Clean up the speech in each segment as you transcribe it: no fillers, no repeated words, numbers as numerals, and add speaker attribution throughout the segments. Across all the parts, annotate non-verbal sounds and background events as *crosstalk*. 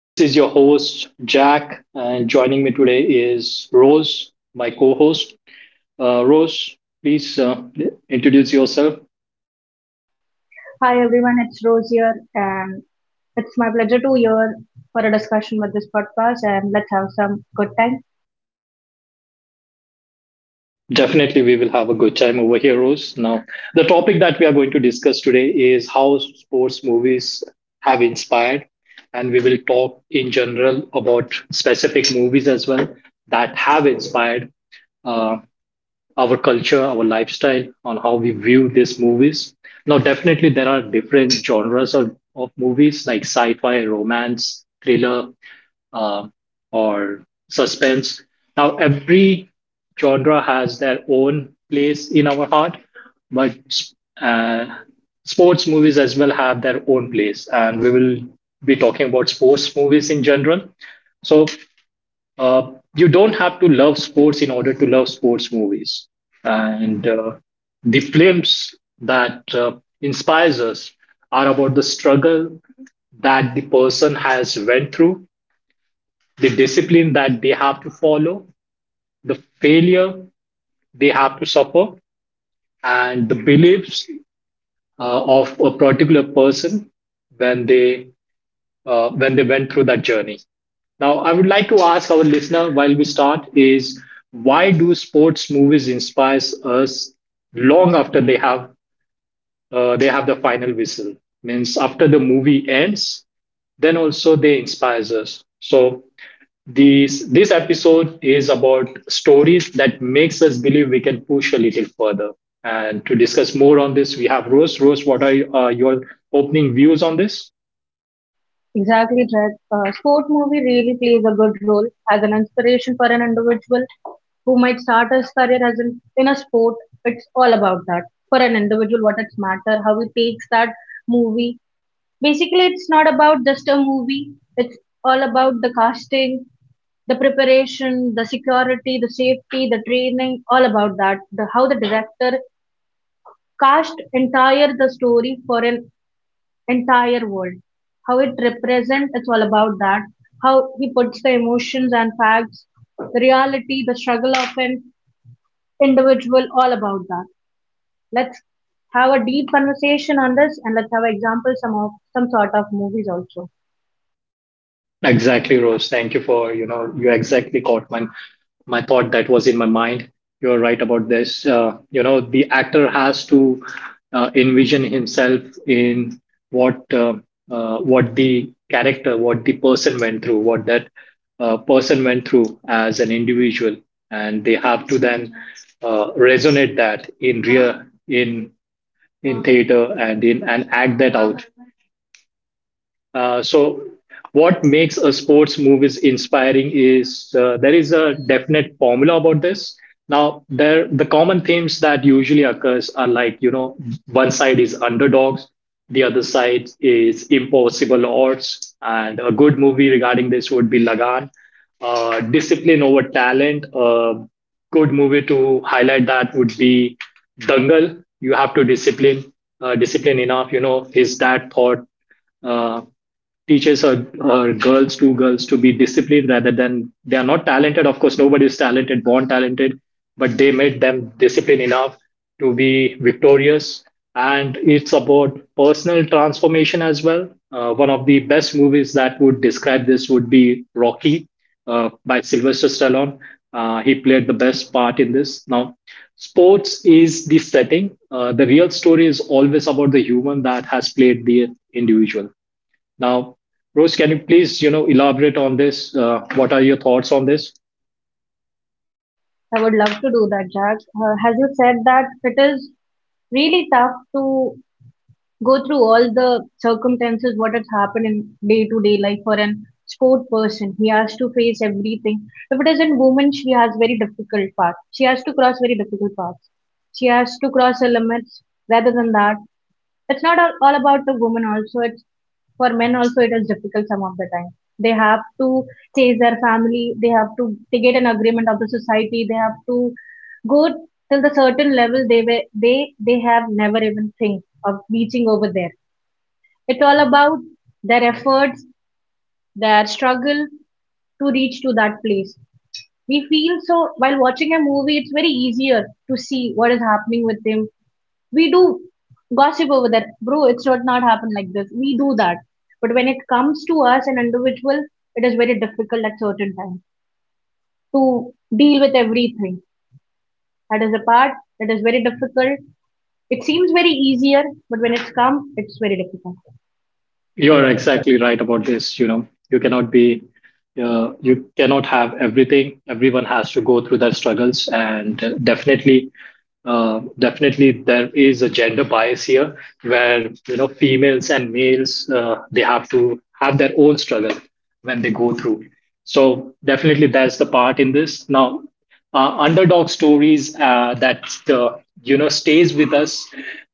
Speaker 1: This is your host, Jack, and joining me today is Rose, my co host. Rose, please introduce yourself.
Speaker 2: Hi everyone, it's Rose here, and it's my pleasure to hear for a discussion with this podcast. And let's have some good time.
Speaker 1: Definitely, we will have a good time over here, Rose. Now, the topic that we are going to discuss today is how sports movies have inspired, and we will talk in general about specific movies as well that have inspired Uh, our culture, our lifestyle, on how we view these movies. Now, definitely, there are different genres of movies like sci fi, romance, thriller, uh, or suspense. Now, every genre has their own place in our heart, but uh, sports movies as well have their own place. And we will be talking about sports movies in general. So, you don't have to love sports in order to love sports movies. And the films that inspires us are about the struggle that the person has went through, the discipline that they have to follow, the failure they have to suffer, and the beliefs of a particular person when they when they went through that journey. Now, I would like to ask our listener while we start is why do sports movies inspire us long after they have the final whistle? Means after the movie ends, then also they inspires us. So this episode is about stories that makes us believe we can push a little further. And to discuss more on this, we have Rose. Rose, what are your opening views on this?
Speaker 2: Exactly, Dread. Sport movie really plays a good role as an inspiration for an individual who might start his career as an in a sport. It's all about that for an individual. What it's matter how he takes that movie. Basically, it's not about just a movie. It's all about the casting, the preparation, the security, the safety, the training, all about that. The how the director cast entire the story for an entire world. How it represents, it's all about that. How he puts the emotions and facts, the reality, the struggle of an individual, all about that. Let's have a deep conversation on this and let's have examples some of some sort of movies also.
Speaker 1: Exactly, Rose. Thank you for, you know, you exactly caught my thought that was in my mind. You're right about this. You know, the actor has to envision himself in what uh, what the character, what the person went through, what that person went through as an individual, and they have to then resonate that in real in theater and in and act that out. So what makes a sports movies inspiring is there is a definite formula about this. Now, there the common themes that usually occurs are, like, you know, one side is underdogs, the other side is impossible odds, and a good movie regarding this would be Lagan. Discipline over talent. A good movie to highlight that would be Dangal. You have to discipline discipline enough, you know, is that thought. uh, Teaches her girls to be disciplined, rather than they are not talented. Of course, nobody is talented, born talented, but they made them disciplined enough to be victorious. And it's about personal transformation as well. One of the best movies that would describe this would be Rocky, by Sylvester Stallone. He played the best part in this. Now, sports is the setting, the real story is always about the human that has played the individual. Now, Rose, can you please, you know, elaborate on this? What are your thoughts on this?
Speaker 2: I would love to do that, Jack. As you said, that it is really tough to go through all the circumstances what has happened in day to day life for an sport person. He has to face everything. If it is in woman, she has very difficult path. She has to cross very difficult paths. She has to cross her limits. Rather than that, it's not all about the woman. Also, it's for men also it is difficult some of the time. They have to chase their family, they have to, they get an agreement of the society, they have to go till the certain level they were, they have never even think of reaching over there. It's all about their efforts, their struggle to reach to that place. We feel so while watching a movie, it's very easier to see what is happening with them. We do gossip over that, bro, it should not happen like this, we do that. But when it comes to us an individual, it is very difficult at certain times to deal with everything. That is a part that is very difficult. It seems very easier, but when it's come, it's very difficult.
Speaker 1: You are exactly right about this. You know, you cannot be, you cannot have everything. Everyone has to go through their struggles, and definitely, there is a gender bias here, where, you know, females and males, they have to have their own struggle when they go through. So definitely that's the part in this. Now, underdog stories that you know, stays with us.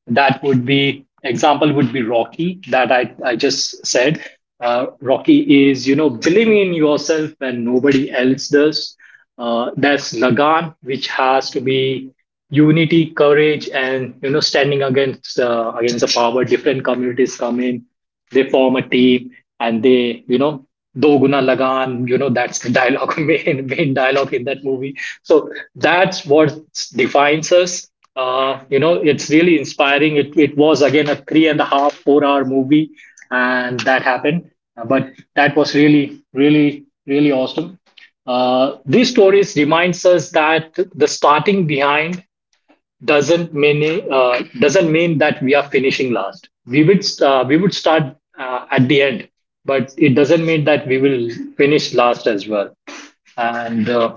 Speaker 1: That would be example would be Rocky that I just said. Rocky is, you know, believing in yourself when nobody else does. There's Lagan, which has to be unity, courage, and, you know, standing against against the power. Different communities come in, they form a team and they, you know, do guna lagan, you know, that's the dialogue, *laughs* main dialogue in that movie. So that's what defines us. You know, it's really inspiring. It was again a three and a half, 4-hour movie, and that happened. But that was really, really, really awesome. These stories reminds us that the starting behind doesn't mean that we are finishing last. We would start at the end, but it doesn't mean that we will finish last as well. And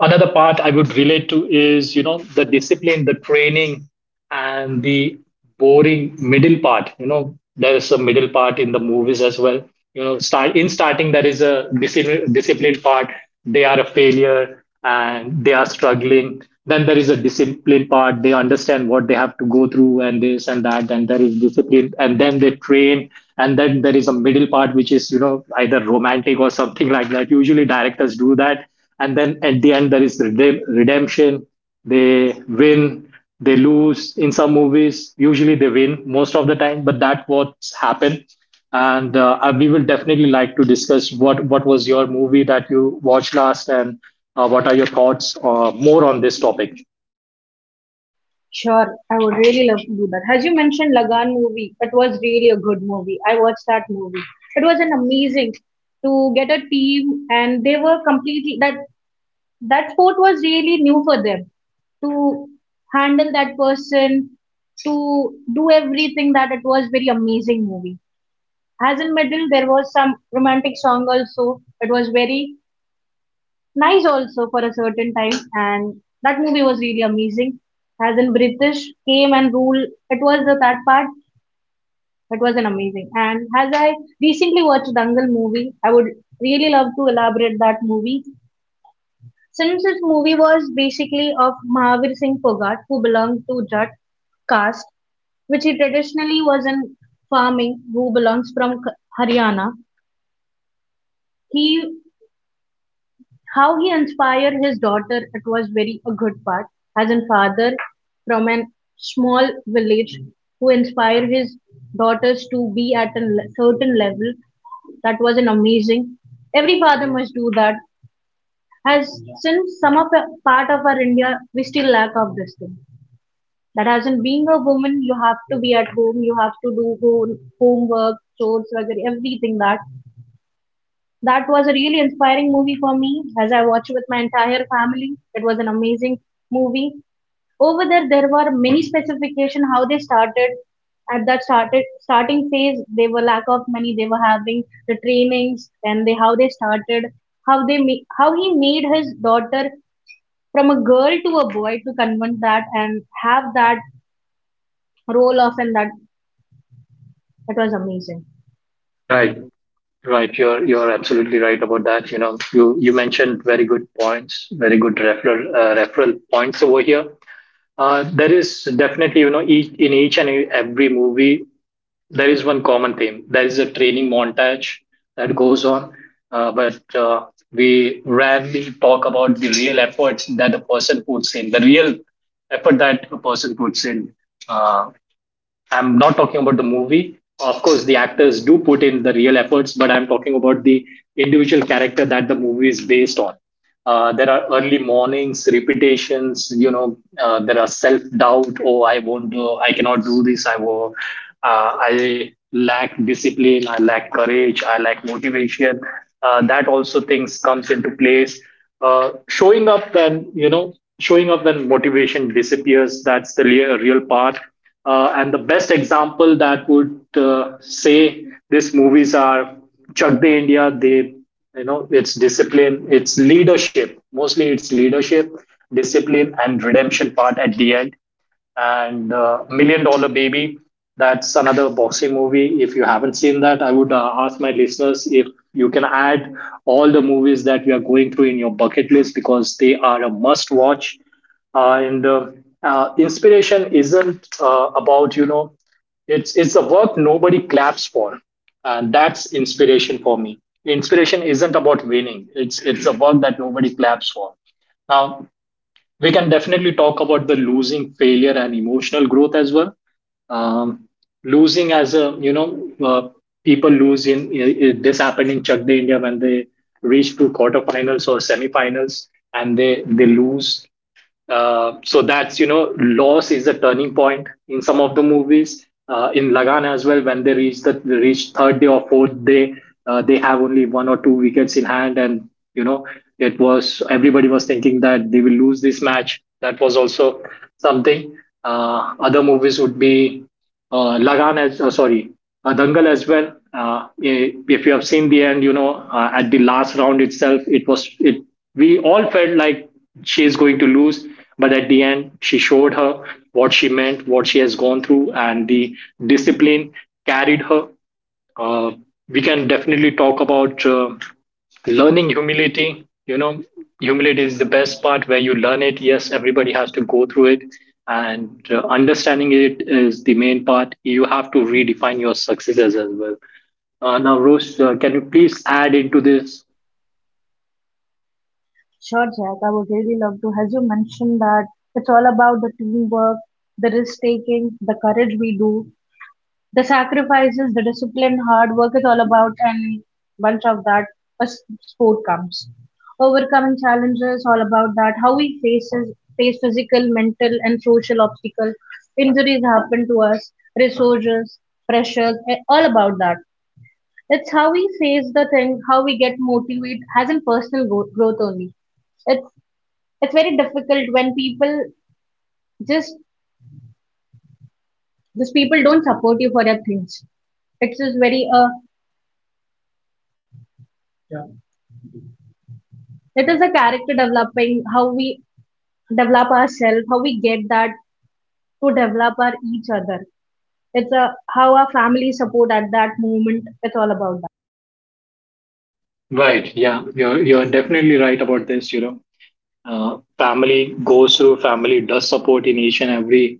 Speaker 1: another part I would relate to is, you know, the discipline, the training, and the boring middle part. You know, there is a middle part in the movies as well. You know, starting there is a discipline, disciplined part. They are a failure and they are struggling. Then there is a discipline part. They understand what they have to go through and this and that. And there is discipline. And then they train. And then there is a middle part, which is, you know, either romantic or something *laughs* like that. Usually directors do that, and then at the end there is redemption. They win, they lose in some movies. Usually they win most of the time, but that what's happened. And we will definitely like to discuss what was your movie that you watched last, and what are your thoughts more on this topic.
Speaker 2: Sure, I would really love to do that. As you mentioned, Lagan movie, it was really a good movie. I watched that movie, it was an amazing to get a team, and they were completely that that sport was really new for them to handle that person, to do everything that it was very amazing movie. As in middle, there was some romantic song also. It was very nice also for a certain time, and that movie was really amazing. As in British came and ruled, it was the that part. It was an amazing. And as I recently watched Dangal movie, I would really love to elaborate that movie. Since this movie was basically of Mahavir Singh Phogat who belonged to Jat caste, which he traditionally was in farming, who belongs from Haryana. He, how he inspired his daughter, it was very a good part. As a father from a small village who inspired his daughters to be at a certain level, that was an amazing. Every father must do that. As since some of the part of our India, we still lack of this thing that as in being a woman you have to be at home, you have to do home, homework chores वगैरह, everything. That, that was a really inspiring movie for me, as I watched with my entire family. It was an amazing movie. Over there, there were many specification how they started. At that started starting phase, they were lack of money, they were having the trainings and they how they started, how they how he made his daughter from a girl to a boy, to convert that and have that role of and that. It was amazing.
Speaker 1: Right right You're absolutely right about that. You know, you mentioned very good points, very good referral referral points over here. There is definitely, you know, in each and every movie, there is one common theme. There is a training montage that goes on, but we rarely talk about the real efforts that a person puts in, the real effort that a person puts in. Uh, I'm not talking about the movie. Of course, the actors do put in the real efforts, but I'm talking about the individual character that the movie is based on. There are early mornings, repetitions. You know, there are self doubt. Oh, I won't do. I cannot do this. I will. I lack discipline. I lack courage. I lack motivation. That also things comes into place. Showing up when, you know, showing up when motivation disappears. That's the real part and the best example that would say these movies are Chak De India. They, you know, it's discipline, it's leadership. Mostly, it's leadership, discipline, and redemption part at the end and Million Dollar Baby. That's another boxing movie. If you haven't seen that, I would ask my listeners if you can add all the movies that we are going through in your bucket list because they are a must watch. And Inspiration isn't about, you know, it's a work nobody claps for, and that's inspiration for me. Inspiration isn't about winning. It's a work that nobody claps for. Now, we can definitely talk about the losing failure and emotional growth as well. um, Losing as a, you know, people lose in this happened in Chak De India when they reach to quarterfinals or semifinals, and they lose. So that's, you know, loss is a turning point in some of the movies. In Lagan as well, when they reach third day or fourth day, they have only one or two wickets in hand, and, you know, it was everybody was thinking that they will lose this match. That was also something. Other movies would be Lagan as sorry Dangal as well. If you have seen the end, you know, at the last round itself, it was it. We all felt like she is going to lose, but at the end, she showed her what she meant, what she has gone through, and the discipline carried her. Uh, we can definitely talk about. Learning humility. You know, humility is the best part where you learn it. Yes, everybody has to go through it, and understanding it is the main part. You have to redefine your successes as well. Now, Rose, can you please add into this.
Speaker 2: Sure, Jack, I would really love to. As you mentioned that it's all about the teamwork, the risk taking, the courage we do, the sacrifices, the discipline, hard work. It's all about and bunch of that. A sport comes. Overcoming challenges, all about that. How we face physical, mental, and social obstacles. Injuries happen to us, resources, pressures, all about that. It's how we face the thing, how we get motivated, as in personal growth, growth only. It's it's very difficult when people just just people don't support you for your things. It's just very it is a character developing. How we develop ourselves, how we get that to develop our each other. It's a how our family support at that moment. It's all about that.
Speaker 1: Right, yeah, you're definitely right about this. You know, family goes through, family does support in each and every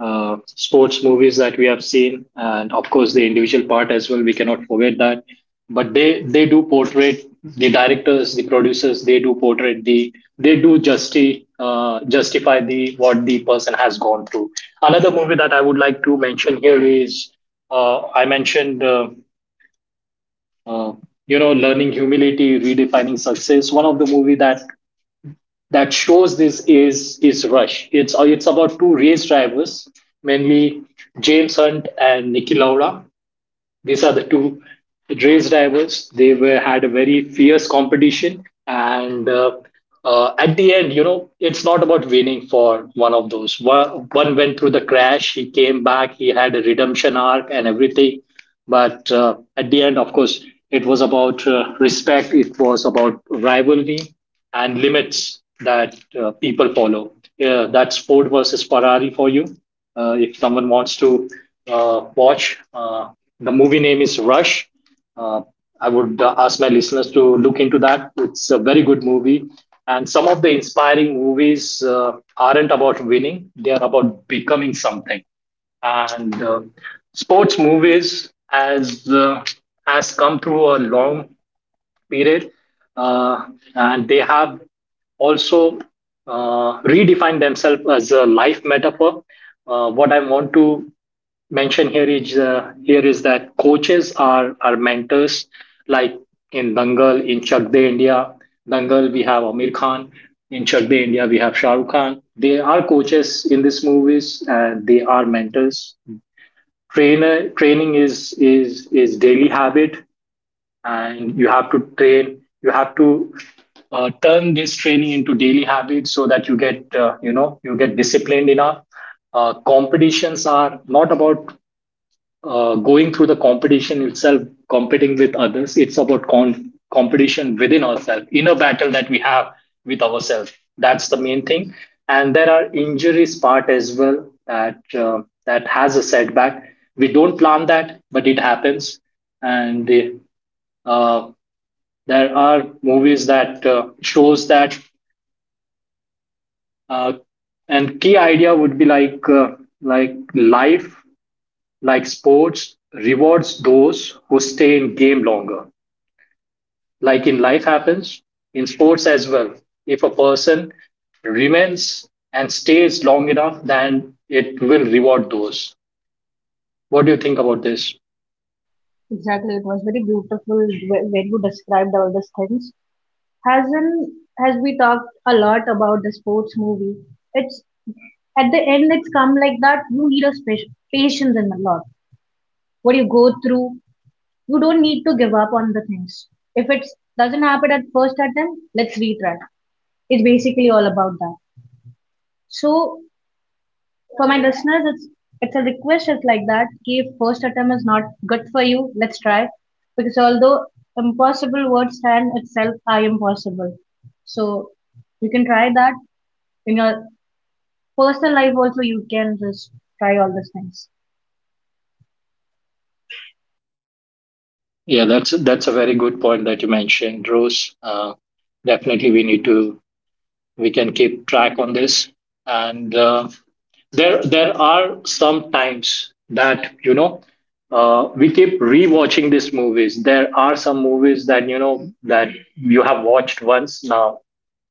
Speaker 1: sports movies that we have seen, and of course the individual part as well. We cannot forget that. But they do portray, the directors, the producers. They do portray, the they do justify the what the person has gone through. Another movie that I would like to mention here is I mentioned. Uh, you know, learning humility, redefining success. One of the movie that shows this is Rush. It's about two race drivers, mainly James Hunt and Niki Lauda. These are the two race drivers. They were had a very fierce competition, and at the end, you know, it's not about winning for one of those. One went through the crash. He came back. He had a redemption arc and everything. But at the end, of course, it was about respect. It was about rivalry and limits that people follow. Yeah, that's Ford versus Ferrari for you. If someone wants to watch, the movie name is Rush. Uh, I would ask my listeners to look into that. It's a very good movie. And some of the inspiring movies aren't about winning, they are about becoming something and sports movies as has come through a long period. Uh, and they have also redefined themselves as a life metaphor. What I want to mention here is that coaches are mentors, like in Dangal, in Chak De India. Dangal we have Amir Khan, in Chak De India we have Shah Rukh Khan. They are coaches in these movies and they are mentors. Trainer training is daily habit, and you have to train. You have to turn this training into daily habits so that you get, you know, you get disciplined enough. Competitions are not about going through the competition itself, competing with others. It's about competition within ourselves, inner battle that we have with ourselves. That's the main thing. And there are injuries part as well, that that has a setback. We don't plan that, but it happens. And uh, there are movies that shows that. uh, and key idea would be like, like life, like sports rewards those who stay in game longer. Like in life happens, in sports as well, if a person remains and stays long enough, then it will reward those. What do you think about this?
Speaker 2: Exactly, it was very beautiful where you described all these things. Hasn't, has we talked a lot about the sports movie, it's at the end it's come like that, you need a special patience and a lot what you go through. You don't need to give up on the things. If it doesn't happen at first attempt, let's retry. It's basically all about that. So for my listeners, it's a request. It's like that कि if first attempt is not good for you, let's try, because although impossible words stand itself are impossible. So you can try that in your personal life also. You can just try all these things.
Speaker 1: Yeah, that's a very good point that you mentioned, Rose. Definitely we need to, we can keep track on this. And there are some times that, you know, we keep rewatching these movies. There are some movies that, you know, that you have watched once. Now,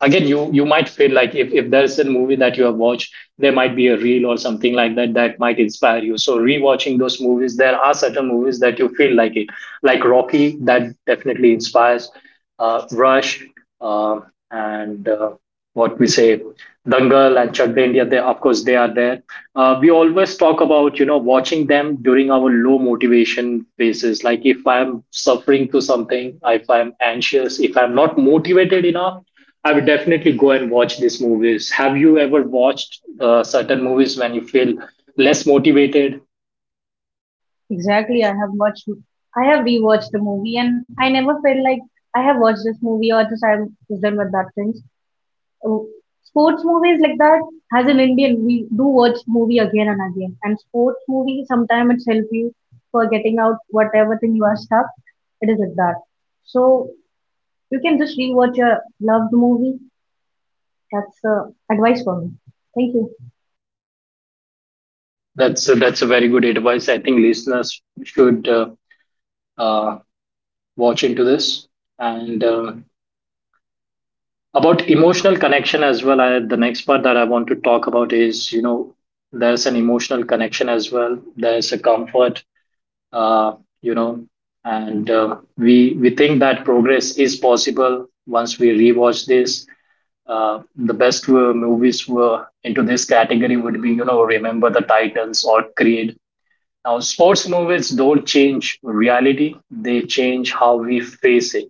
Speaker 1: again, you might feel like, if there's a movie that you have watched, there might be a reel or something like that that might inspire you. So rewatching those movies, there are certain movies that you feel like it. Like Rocky, that definitely inspires. Rush, uh, and what we say, Dangal and Chak De India, they, of course, they are there. We always talk about, you know, watching them during our low motivation phases. Like if I'm suffering to something, if I'm anxious, if I'm not motivated enough, I would definitely go and watch these movies. Have you ever watched certain movies when you feel less motivated?
Speaker 2: Exactly, I have watched, I have rewatched the movie and I never felt like I have watched this movie or just I'm just done with that things. Oh, sports movies like that, as an Indian, we do watch movie again and again, and sports movie sometimes it's help you for getting out whatever thing you are stuck. It is like that. So you can just rewatch your loved movie. That's advice for me. Thank you.
Speaker 1: That's a very good advice. I think listeners should uh, watch into this. And about emotional connection as well. I, the next part that I want to talk about is, you know, there's an emotional connection as well. There's a comfort, uh, you know, and uh, we think that progress is possible once we rewatch this. The best movies were into this category would be, you know, Remember the Titans or Creed. Now, sports movies don't change reality; they change how we face it.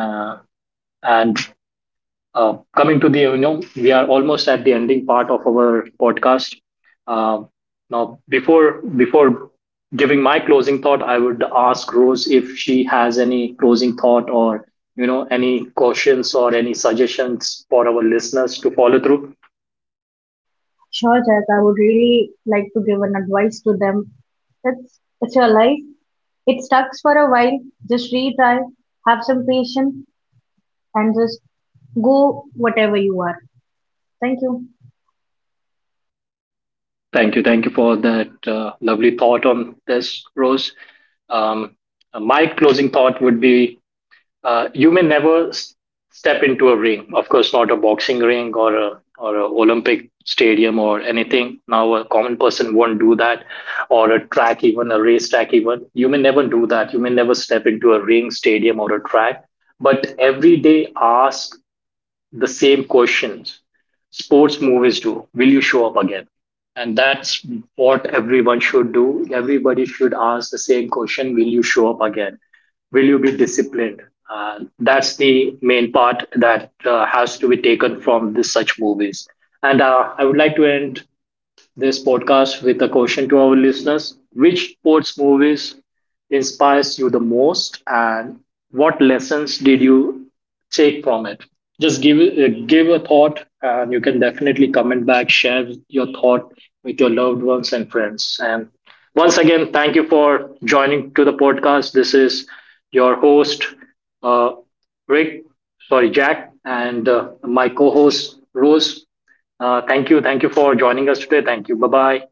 Speaker 1: Uh, and coming to the, you know, we are almost at the ending part of our podcast. Uh, Now, before giving my closing thought, I would ask Rose if she has any closing thought, or, you know, any cautions or any suggestions for our listeners to follow through.
Speaker 2: Sure, Jack, I would really like to give an advice to them. It's your life. It sucks for a while. Just retry, have some patience, and just go whatever you are. Thank you.
Speaker 1: Thank you. Thank you for that lovely thought on this, Rose. Um, my closing thought would be, you may never step into a ring. Of course, not a boxing ring, or a Olympic stadium, or anything. Now, a common person won't do that, or a track, even a race track, even. You may never do that. You may never step into a ring, stadium, or a track. But every day, ask the same questions sports movies do. Will you show up again? And that's what everyone should do. Everybody should ask the same question. Will you show up again? Will you be disciplined? That's the main part that has to be taken from this such movies. And I would like to end this podcast with a question to our listeners. Which sports movies inspires you the most, and what lessons did you take from it? Just give give a thought, and you can definitely comment back, share your thought with your loved ones and friends. And once again, thank you for joining to the podcast. This is your host, uh, Rick, Jack, and my co-host Rose. Thank you. Thank you for joining us today. Thank you. Bye bye.